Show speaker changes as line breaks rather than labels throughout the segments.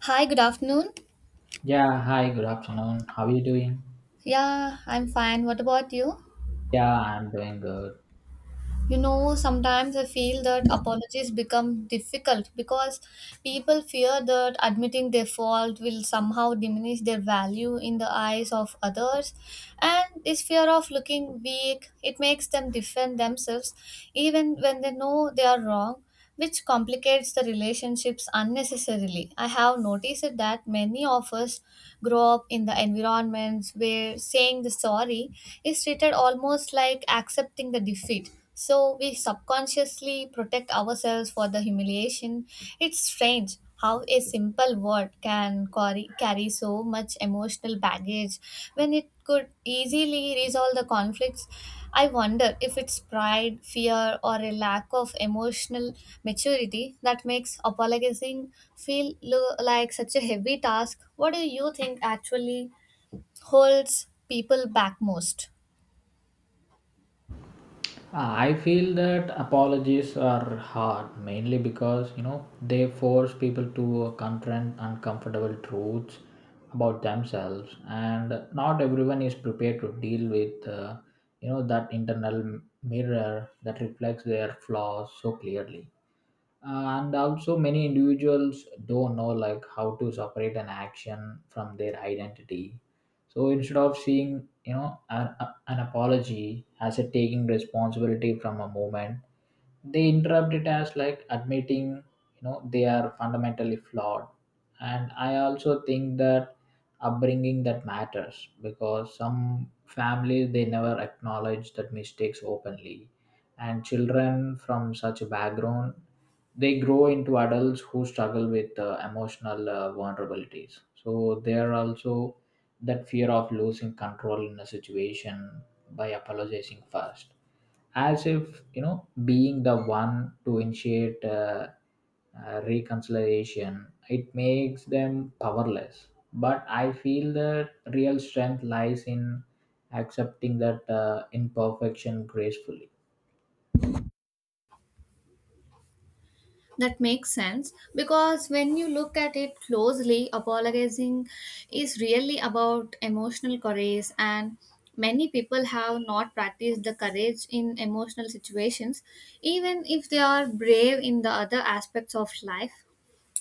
Hi, good afternoon.
Yeah, hi, good afternoon. How are you doing?
Yeah, I'm fine. What about you?
Yeah, I'm doing good.
Sometimes I feel that
Uh,
apologies become difficult because people fear that admitting their fault will somehow diminish their value in the eyes of others. And this fear of looking weak, it makes them defend themselves even when they know they are wrong, which complicates the relationships unnecessarily. I have noticed that many of us grow up in the environments where saying the sorry is treated almost like accepting the defeat. So we subconsciously protect ourselves for the humiliation. It's strange how a simple word can carry so much emotional baggage when it could easily resolve the conflicts. I wonder if it's pride, fear, or a lack of emotional maturity that makes apologizing feel like such a heavy task. What do you think actually holds people back most?
I feel that apologies are hard mainly because you know they force people to confront uncomfortable truths about themselves, and not everyone is prepared to deal with you know that internal mirror that reflects their flaws so clearly. And also many individuals don't know like how to separate an action from their identity, so instead of seeing you know an apology as a taking responsibility from a moment, they interrupt it as like admitting you know they are fundamentally flawed. And I also think that upbringing that matters, because some families they never acknowledge that mistakes openly, and children from such a background they grow into adults who struggle with emotional vulnerabilities. So there are also that fear of losing control in a situation by apologizing first, as if you know being the one to initiate reconciliation it makes them powerless. But I feel that real strength lies in accepting that imperfection gracefully.
That makes sense because when you look at it closely, apologizing is really about emotional courage, and many people have not practiced the courage in emotional situations, even if they are brave in the other aspects of life.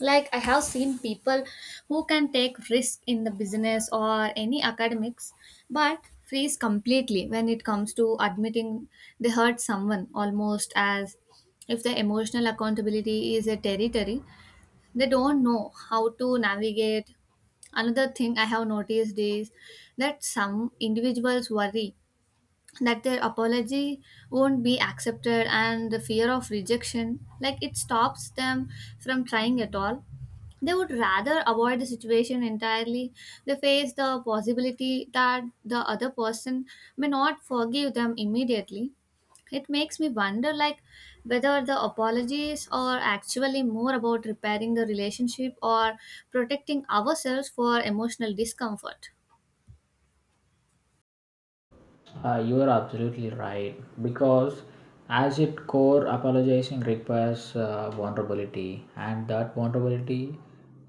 Like, I have seen people who can take risk in the business or any academics, but freeze completely when it comes to admitting they hurt someone, almost as if the emotional accountability is a territory they don't know how to navigate. Another thing I have noticed is that some individuals worry that their apology won't be accepted, and the fear of rejection, like, it stops them from trying at all. They would rather avoid the situation entirely. They face the possibility that the other person may not forgive them immediately. It makes me wonder, like, whether the apologies are actually more about repairing the relationship or protecting ourselves for emotional discomfort.
You are absolutely right, because as its core apologizing requires vulnerability, and that vulnerability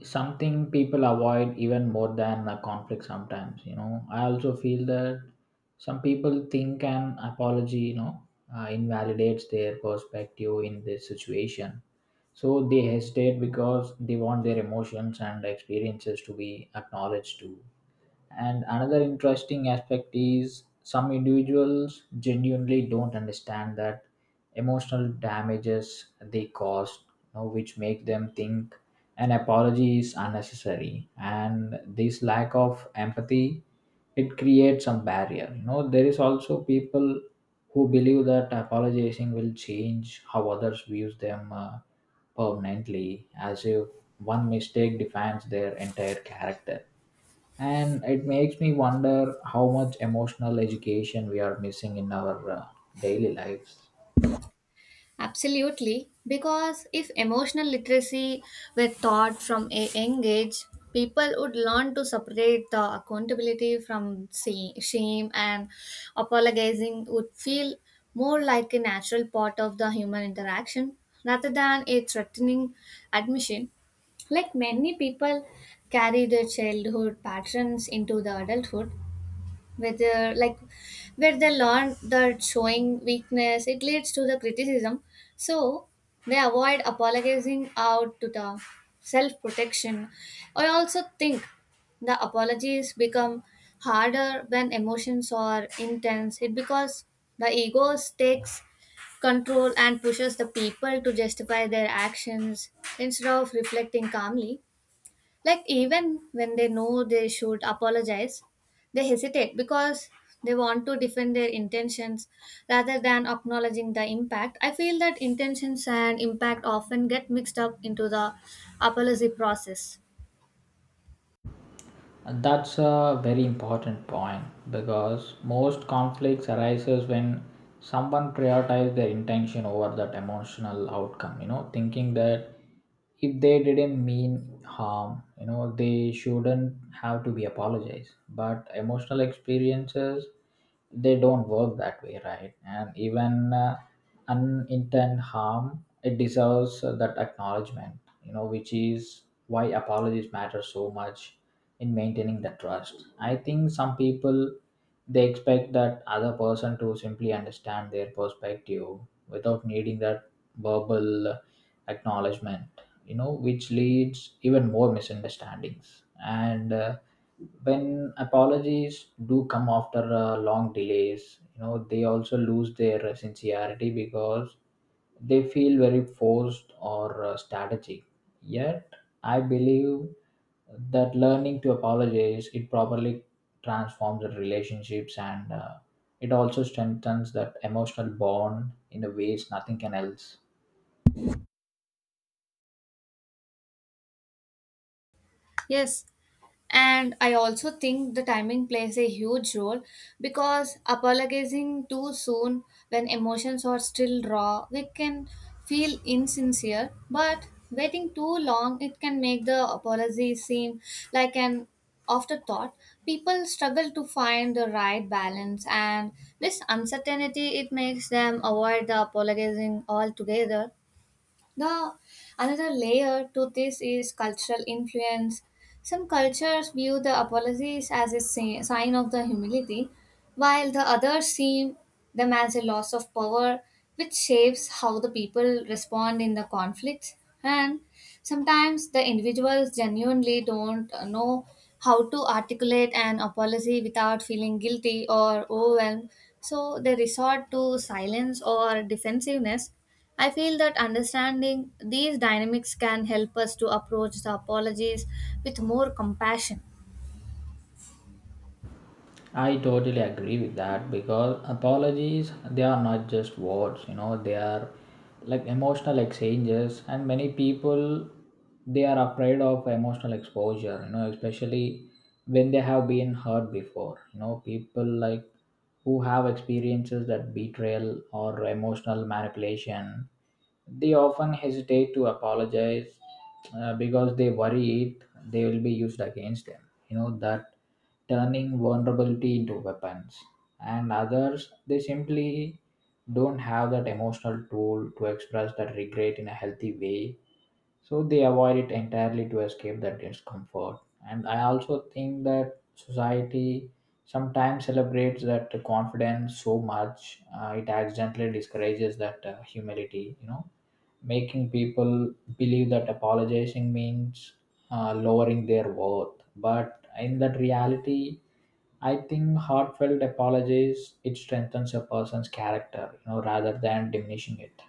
is something people avoid even more than a conflict sometimes. You know I also feel that some people think an apology you know invalidates their perspective in this situation, so they hesitate because they want their emotions and experiences to be acknowledged too. And another interesting aspect is some individuals genuinely don't understand that emotional damages they cause, you know, which make them think an apology is unnecessary. And this lack of empathy it creates some barrier. You know, there is also people who believe that apologizing will change how others views them permanently, as if one mistake defines their entire character, and it makes me wonder how much emotional education we are missing in our daily lives.
Absolutely, because if emotional literacy were taught from a young age, people would learn to separate the accountability from shame, and apologizing would feel more like a natural part of the human interaction rather than a threatening admission. Like, many people carry their childhood patterns into the adulthood, whether like where they learn that showing weakness it leads to the criticism, so they avoid apologizing out to the self-protection. I also think the apologies become harder when emotions are intense, it because the ego takes control and pushes the people to justify their actions instead of reflecting calmly. Like, even when they know they should apologize, they hesitate because they want to defend their intentions rather than acknowledging the impact. I feel that intentions and impact often get mixed up into the apology process.
And that's a very important point, because most conflicts arises when someone prioritizes their intention over that emotional outcome, you know, thinking that if they didn't mean harm, you know, they shouldn't have to be apologized. But emotional experiences they don't work that way, right? And even unintended harm, it deserves that acknowledgement, you know, which is why apologies matter so much in maintaining the trust. I think some people they expect that other person to simply understand their perspective without needing that verbal acknowledgement, you know, which leads even more misunderstandings. And when apologies do come after long delays, you know, they also lose their sincerity because they feel very forced or strategic. Yet, I believe that learning to apologize it properly transforms the relationships, and it also strengthens that emotional bond in a ways nothing can else.
Yes, and I also think the timing plays a huge role because apologizing too soon when emotions are still raw, we can feel insincere, but waiting too long, it can make the apology seem like an afterthought. People struggle to find the right balance, and this uncertainty it makes them avoid the apologizing altogether. The another layer to this is cultural influence. Some cultures view the apologies as a sign of the humility, while the others see them as a loss of power, which shapes how the people respond in the conflict. And sometimes the individuals genuinely don't know how to articulate an apology without feeling guilty or overwhelmed, so they resort to silence or defensiveness. I feel that understanding these dynamics can help us to approach the apologies with more compassion.
I totally agree with that, because apologies they are not just words, you know, they are like emotional exchanges, and many people they are afraid of emotional exposure, you know, especially when they have been hurt before. You know, people like who have experiences that betrayal or emotional manipulation they often hesitate to apologize because they worry it they will be used against them. You know that turning vulnerability into weapons. And others, they simply don't have that emotional tool to express that regret in a healthy way, so they avoid it entirely to escape that discomfort. And I also think that society sometimes celebrates that confidence so much, it accidentally discourages that humility, you know, making people believe that apologizing means lowering their worth. But in that reality, I think heartfelt apologies it strengthens a person's character, you know, rather than diminishing it.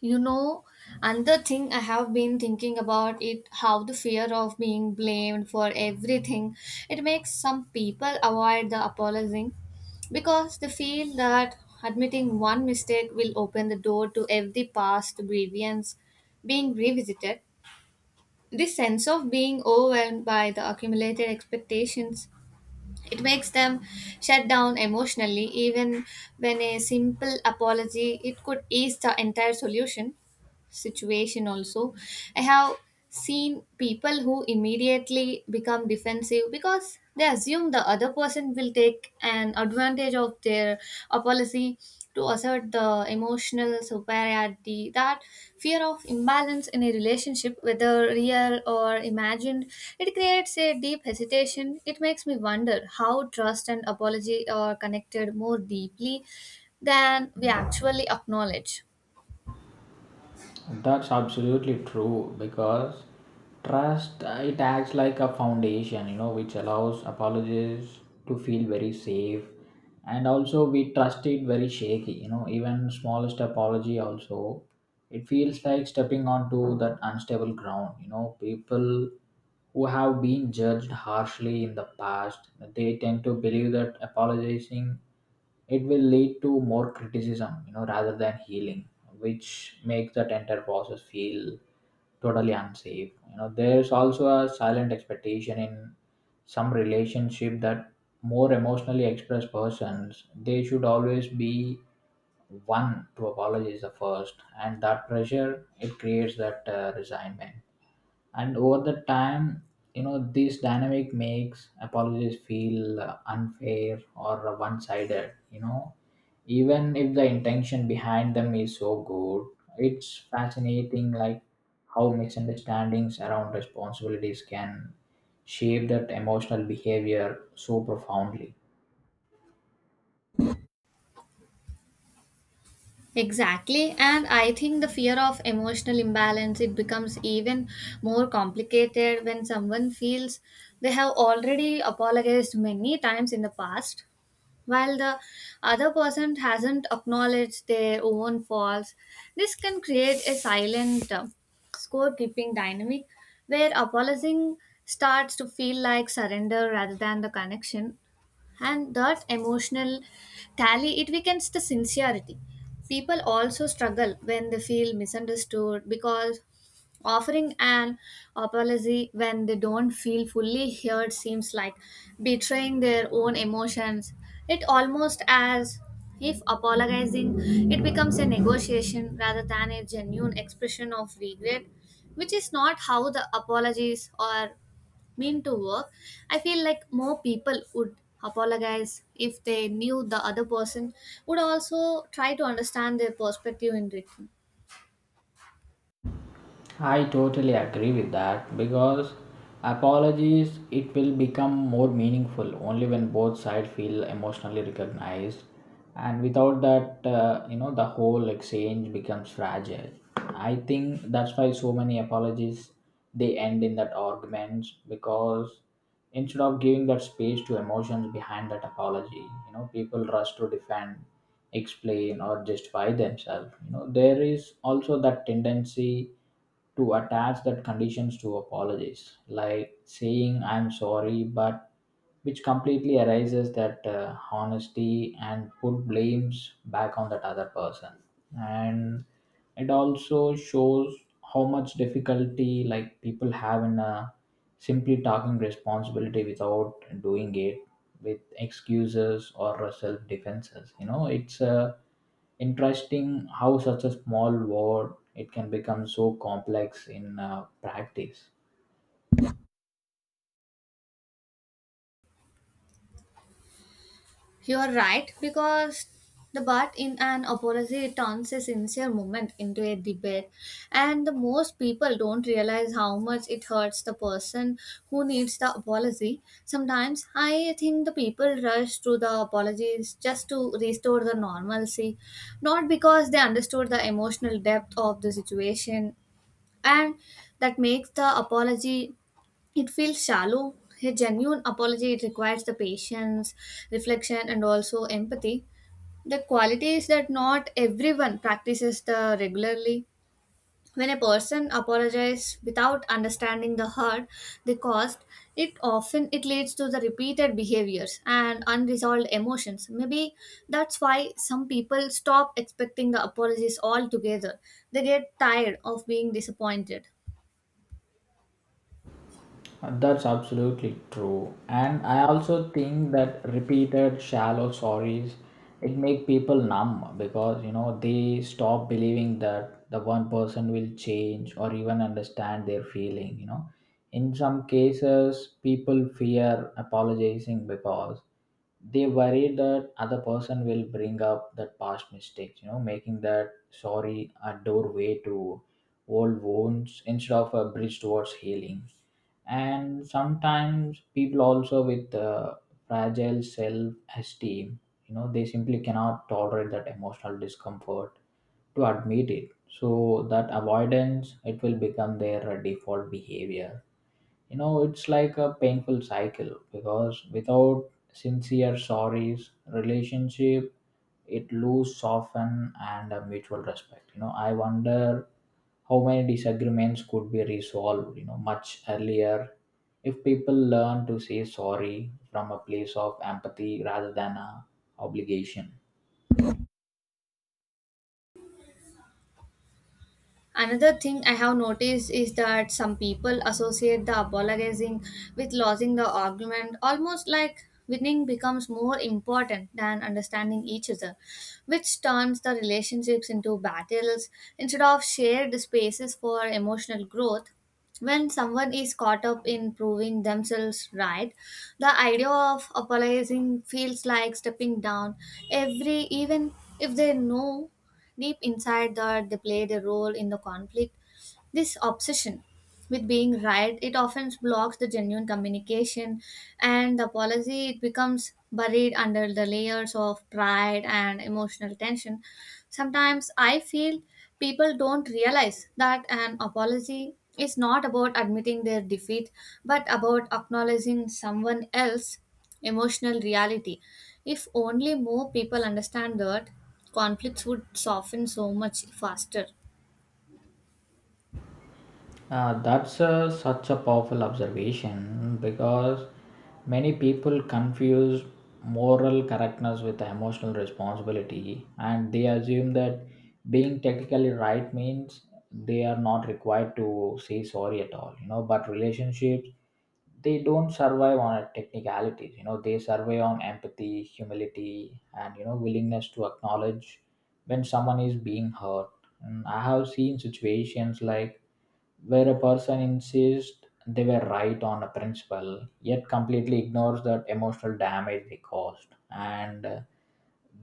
You know, another thing I have been thinking about, it how the fear of being blamed for everything, it makes some people avoid the apologizing because they feel that admitting one mistake will open the door to every past grievance being revisited. This sense of being overwhelmed by the accumulated expectations, it makes them shut down emotionally even when a simple apology it could ease the entire solution situation. Also, I have seen people who immediately become defensive because they assume the other person will take an advantage of their apology to assert the emotional superiority. That fear of imbalance in a relationship, whether real or imagined, it creates a deep hesitation. It makes me wonder how trust and apology are connected more deeply than we actually acknowledge.
That's absolutely true, because trust it acts like a foundation, you know, which allows apologists to feel very safe, and also we trust it very shaky, you know, even smallest apology also, it feels like stepping onto that unstable ground. You know, people who have been judged harshly in the past, they tend to believe that apologizing it will lead to more criticism, you know, rather than healing, which makes that entire process feel totally unsafe. You know there's also a silent expectation in some relationship that more emotionally expressed persons they should always be one to apologize the first, and that pressure it creates that resignment. And over the time, you know, this dynamic makes apologies feel unfair or one sided, you know, even if the intention behind them is so good. It's fascinating like how misunderstandings around responsibilities can shape that emotional behavior so profoundly.
Exactly, and I think the fear of emotional imbalance it becomes even more complicated when someone feels they have already apologized many times in the past while the other person hasn't acknowledged their own faults. This can create a silent scorekeeping dynamic where apologizing starts to feel like surrender rather than the connection, and that emotional tally it weakens the sincerity. People also struggle when they feel misunderstood because offering an apology when they don't feel fully heard seems like betraying their own emotions. It almost as if apologizing it becomes a negotiation rather than a genuine expression of regret, which is not how the apologies are mean to work. I feel like more people would apologize if they knew the other person would also try to understand their perspective in return.
I totally agree with that, because apologies it will become more meaningful only when both sides feel emotionally recognized, and without that you know, the whole exchange becomes fragile. I think that's why so many apologies they end in that arguments, because instead of giving that space to emotions behind that apology, you know, people rush to defend, explain or justify themselves. You know there is also that tendency to attach that conditions to apologies, like saying I'm sorry but, which completely arises that honesty and put blames back on that other person. And it also shows how much difficulty like people have in simply talking responsibility without doing it with excuses or self defenses. You know, it's interesting how such a small word it can become so complex in practice.
You're right, because the but in an apology turns a sincere moment into a debate, and the most people don't realize how much it hurts the person who needs the apology. Sometimes I think the people rush through the apologies just to restore the normalcy, not because they understood the emotional depth of the situation, and that makes the apology it feels shallow. A genuine apology it requires the patience, reflection, and also empathy. The qualities that not everyone practices the regularly. When a person apologizes without understanding the hurt, the cost, it often it leads to the repeated behaviors and unresolved emotions. Maybe that's why some people stop expecting the apologies altogether. They get tired of being disappointed.
That's absolutely true. And I also think that repeated shallow sorries it make people numb, because you know they stop believing that the one person will change or even understand their feeling, you know. In some cases people fear apologizing because they worry that other person will bring up that past mistakes, you know, making that sorry a doorway to old wounds instead of a bridge towards healing. And sometimes people also with fragile self-esteem, you know, they simply cannot tolerate that emotional discomfort to admit it, so that avoidance it will become their default behavior. You know it's like a painful cycle, because without sincere sorries relationship it lose soften and a mutual respect. You know I wonder how many disagreements could be resolved, you know, much earlier if people learn to say sorry from a place of empathy rather than a obligation.
Another thing I have noticed is that some people associate the apologizing with losing the argument, almost like winning becomes more important than understanding each other, which turns the relationships into battles instead of shared spaces for emotional growth. When someone is caught up in proving themselves right, the idea of apologizing feels like stepping down, even if they know deep inside that they played a role in the conflict. This obsession with being right, it often blocks the genuine communication, and the apology it becomes buried under the layers of pride and emotional tension. Sometimes I feel people don't realize that an apology is not about admitting their defeat but about acknowledging someone else's emotional reality. If only more people understand that, conflicts would soften so much faster.
That's such a powerful observation, because many people confuse moral correctness with emotional responsibility, and they assume that being technically right means they are not required to say sorry at all. You know, but relationships they don't survive on technicalities. You know they survive on empathy, humility, and you know willingness to acknowledge when someone is being hurt. And I have seen situations like where a person insists they were right on a principle, yet completely ignores that emotional damage they caused, and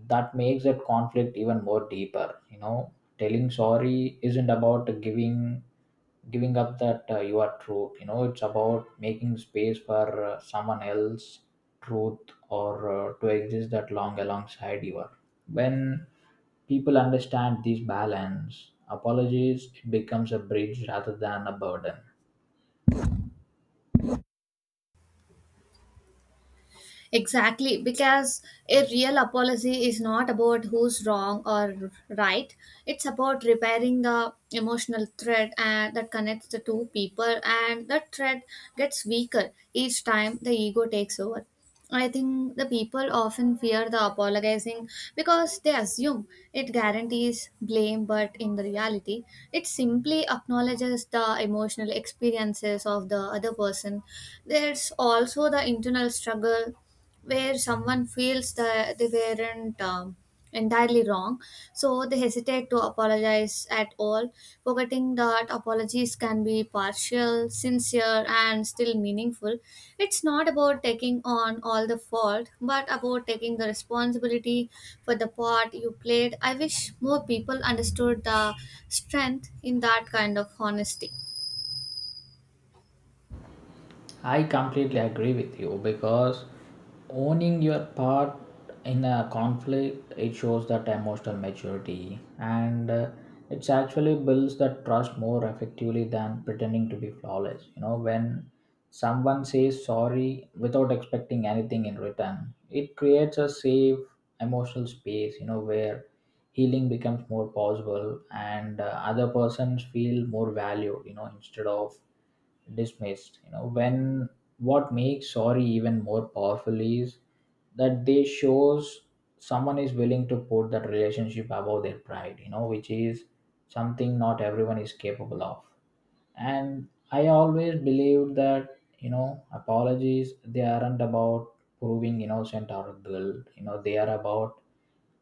that makes that conflict even more deeper. You know, telling sorry isn't about giving up that you are truth. You know it's about making space for someone else truth, or to exist that long alongside your. When people understand this balance, apologies it becomes a bridge rather than a burden.
Exactly, because a real apology is not about who's wrong or right. It's about repairing the emotional thread and that connects the two people, and that thread gets weaker each time the ego takes over. I think the people often fear the apologizing because they assume it guarantees blame, but in the reality, it simply acknowledges the emotional experiences of the other person. There's also the internal struggle where someone feels that they weren't entirely wrong, so they hesitate to apologize at all, forgetting that apologies can be partial, sincere, and still meaningful. It's not about taking on all the fault, but about taking the responsibility for the part you played. I wish more people understood the strength in that kind of honesty.
I completely agree with you, because owning your part in a conflict it shows that emotional maturity, and it's actually builds that trust more effectively than pretending to be flawless. You know, when someone says sorry without expecting anything in return, it creates a safe emotional space. You know where healing becomes more possible, and other persons feel more valued. You know, instead of dismissed. You know when what makes sorry even more powerful is that they shows someone is willing to put that relationship above their pride, you know, which is something not everyone is capable of. And I always believed that you know apologies they aren't about proving innocent or guilt. You know they are about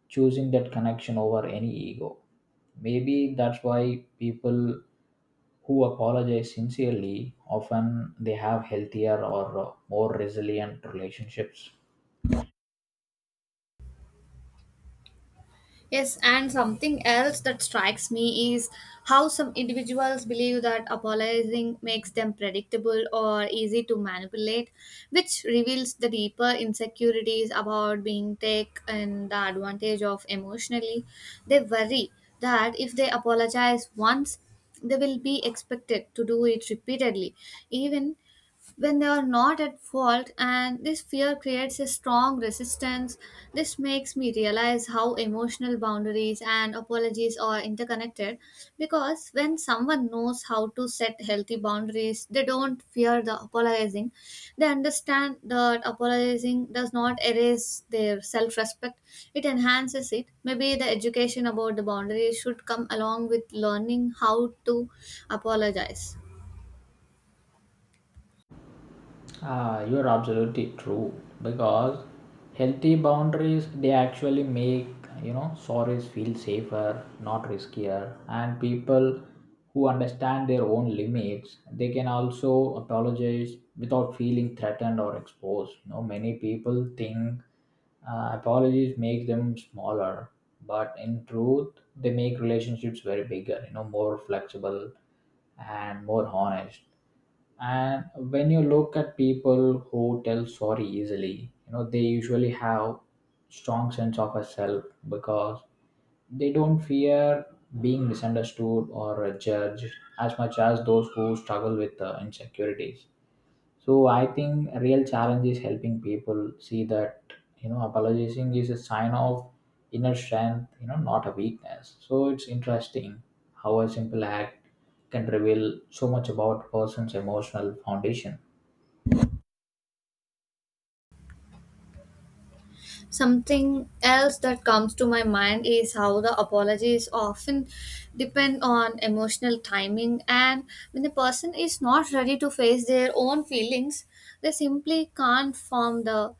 choosing that connection over any ego. Maybe that's why people who apologize sincerely often they have healthier or more resilient relationships.
Yes, and something else that strikes me is how some individuals believe that apologizing makes them predictable or easy to manipulate, which reveals the deeper insecurities about being taken the advantage of emotionally. They worry that if they apologize once, they will be expected to do it repeatedly, even when they are not at fault, and this fear creates a strong resistance. This makes me realize how emotional boundaries and apologies are interconnected, because when someone knows how to set healthy boundaries they don't fear the apologizing. They understand that apologizing does not erase their self-respect, it enhances it. Maybe the education about the boundaries should come along with learning how to apologize.
Ah, you are absolutely true, because healthy boundaries they actually make you know stories feel safer, not riskier, and people who understand their own limits they can also apologize without feeling threatened or exposed. You know, many people think apologies make them smaller, but in truth, they make relationships very bigger. You know, more flexible and more honest. And when you look at people who tell sorry easily, you know, they usually have strong sense of a self, because they don't fear being misunderstood or judged as much as those who struggle with insecurities. So I think real challenge is helping people see that you know apologizing is a sign of inner strength, you know, not a weakness. So it's interesting how a simple act can reveal so much about a person's emotional foundation.
Something else that comes to my mind is how the apologies often depend on emotional timing, and when the person is not ready to face their own feelings, they simply can't form the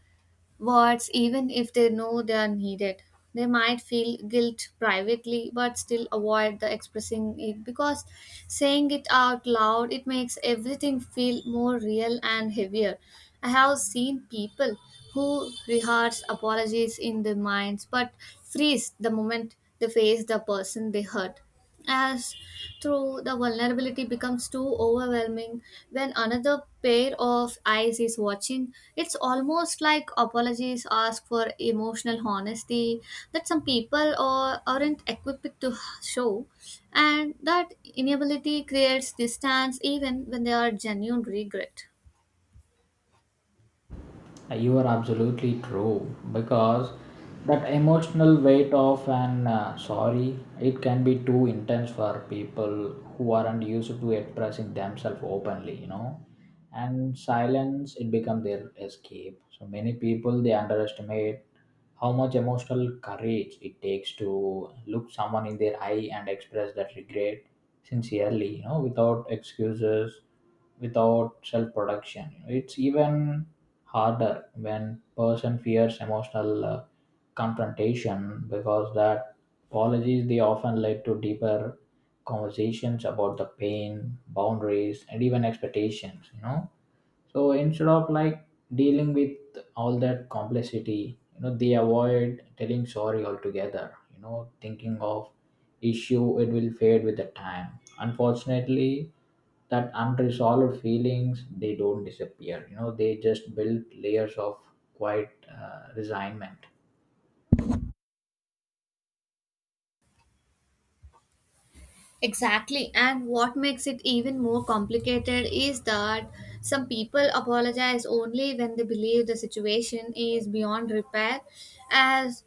words even if they know they are needed. They might feel guilt privately but still avoid the expressing it because saying it out loud it makes everything feel more real and heavier. I have seen people who rehearse apologies in their minds but freeze the moment they face the person they hurt. As through the vulnerability becomes too overwhelming when another pair of eyes is watching, it's almost like apologies ask for emotional honesty that some people aren't equipped to show, and that inability creates distance even when there are genuine regret.
Like, you are absolutely true, because that emotional weight of an sorry it can be too intense for people who aren't used to expressing themselves openly, you know. And silence it becomes their escape. So many people they underestimate how much emotional courage it takes to look someone in their eye and express that regret sincerely, without excuses, without self production. It's even harder when person fears emotional confrontation, because that apologies they often lead to deeper conversations about the pain, boundaries, and even expectations. So instead of dealing with all that complexity, they avoid telling sorry altogether, thinking of issue it will fade with the time. Unfortunately, that unresolved feelings they don't disappear. They just build layers of quiet resignment.
Exactly, and what makes it even more complicated is that some people apologize only when they believe the situation is beyond repair, as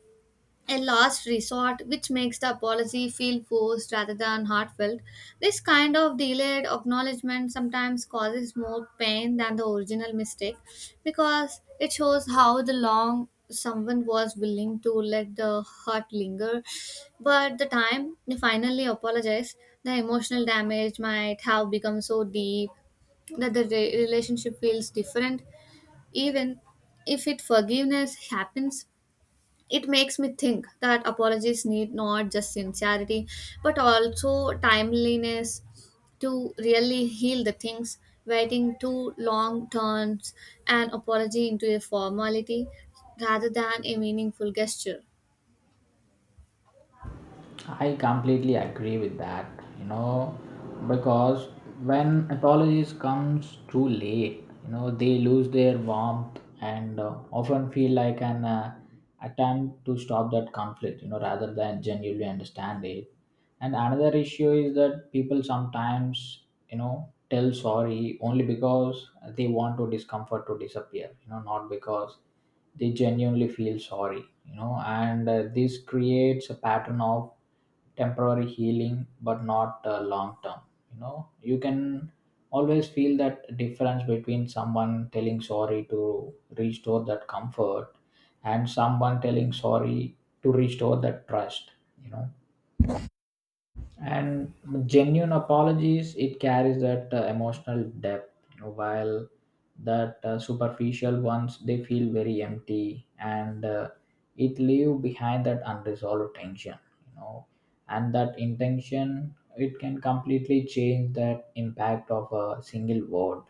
a last resort, which makes the apology feel forced rather than heartfelt. This kind of delayed acknowledgement sometimes causes more pain than the original mistake because it shows how the long someone was willing to let the hurt linger. But the time they finally apologize, the emotional damage might have become so deep that the relationship feels different, even if it forgiveness happens. It makes me think that apologies need not just sincerity but also timeliness to really heal the things. Waiting too long turns an apology into a formality rather than a meaningful gesture.
I completely agree with that, you know, because when apologies comes too late, they lose their warmth and often feel like an attempt to stop that conflict, rather than genuinely understand it. And another issue is that people sometimes, tell sorry only because they want to discomfort to disappear, not because they genuinely feel sorry. You know and This creates a pattern of temporary healing but not long term. You can always feel that difference between someone telling sorry to restore that comfort and someone telling sorry to restore that trust. you know and genuine apologies it carries that emotional depth, while that superficial ones they feel very empty, and it leave behind that unresolved tension. you know and that intention it can completely change that impact of a single word.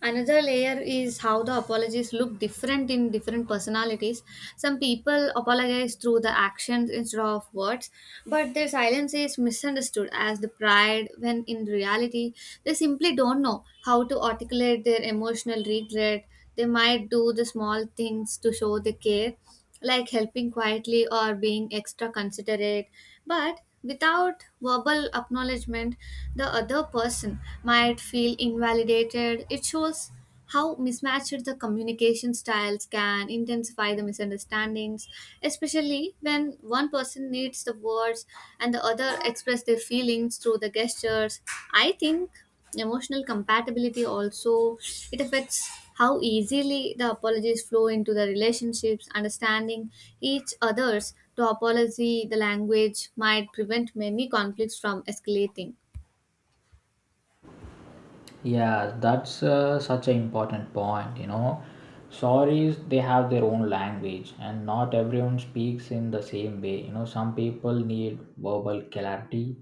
Another layer is how the apologies look different in different personalities. Some people apologize through the actions instead of words, but their silence is misunderstood as the pride when in reality they simply don't know how to articulate their emotional regret. They might do the small things to show they care, like helping quietly or being extra considerate, but without verbal acknowledgement, the other person might feel invalidated. It shows how mismatched the communication styles can intensify the misunderstandings, especially when one person needs the words and the other express their feelings through the gestures. I think emotional compatibility also it affects how easily the apologies flow into the relationships. Understanding each other's the apology, the language might prevent many conflicts from escalating.
Yeah, that's such an important point, you know. Saudis, they have their own language, and not everyone speaks in the same way. You know, some people need verbal clarity,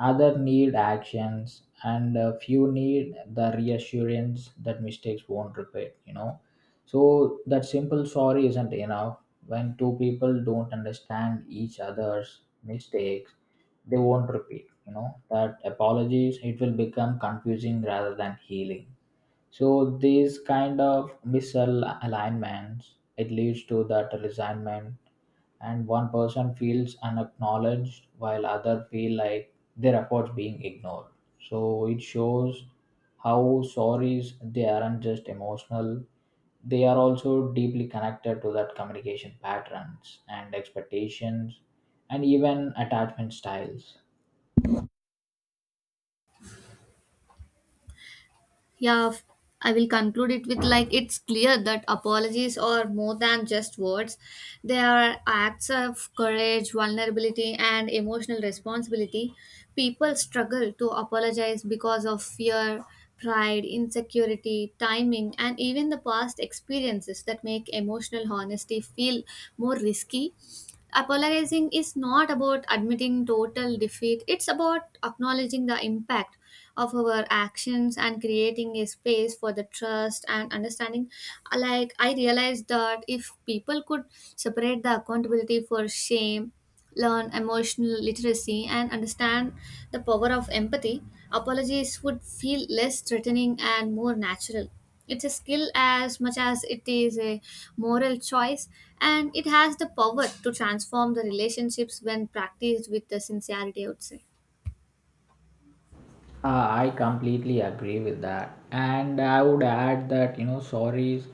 other need actions, and a few need the reassurance that mistakes won't repeat, you know. So, that simple sorry isn't enough. When two people don't understand each other's mistakes, they won't repeat. That apologies it will become confusing rather than healing. So these kind of misalignments it leads to that resignment, and one person feels unacknowledged while other feel like their efforts being ignored. So it shows how sorries they aren't just emotional, they are also deeply connected to that communication patterns and expectations, and even attachment styles.
Yeah, I will conclude it with like it's clear that apologies are more than just words. They are acts of courage, vulnerability, and emotional responsibility. People struggle to apologize because of fear, pride, insecurity, timing, and even the past experiences that make emotional honesty feel more risky. Apologizing is not about admitting total defeat, it's about acknowledging the impact of our actions and creating a space for the trust and understanding. Like, I realized that if people could separate the accountability for shame, learn emotional literacy, and understand the power of empathy, apologies would feel less threatening and more natural. It's a skill as much as it is a moral choice, and it has the power to transform the relationships when practiced with the sincerity, I would say.
I completely agree with that. And I would add that, you know, sorries,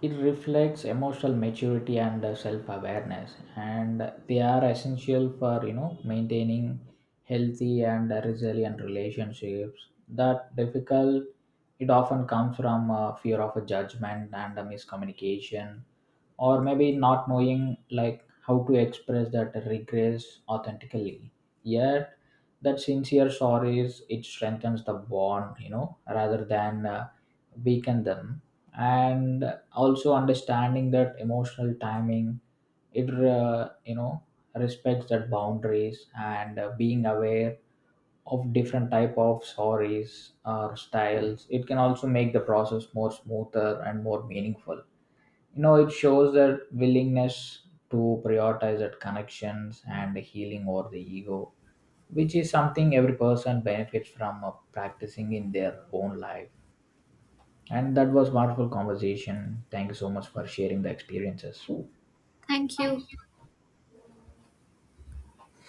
it reflects emotional maturity and self awareness. And they are essential for, you know, maintaining healthy and resilient relationships. That difficult, it often comes from fear of a judgment and a miscommunication, or maybe not knowing, like, how to express that regrets authentically. Yet, that sincere sorries it strengthens the bond, rather than weaken them. And also, understanding that emotional timing, it respects that boundaries, and being aware of different type of sorries or styles it can also make the process more smoother and more meaningful. It shows that willingness to prioritize that connections and healing over the ego, which is something every person benefits from practicing in their own life. And that was wonderful conversation. Thank you so much for sharing the experiences.
Thank you.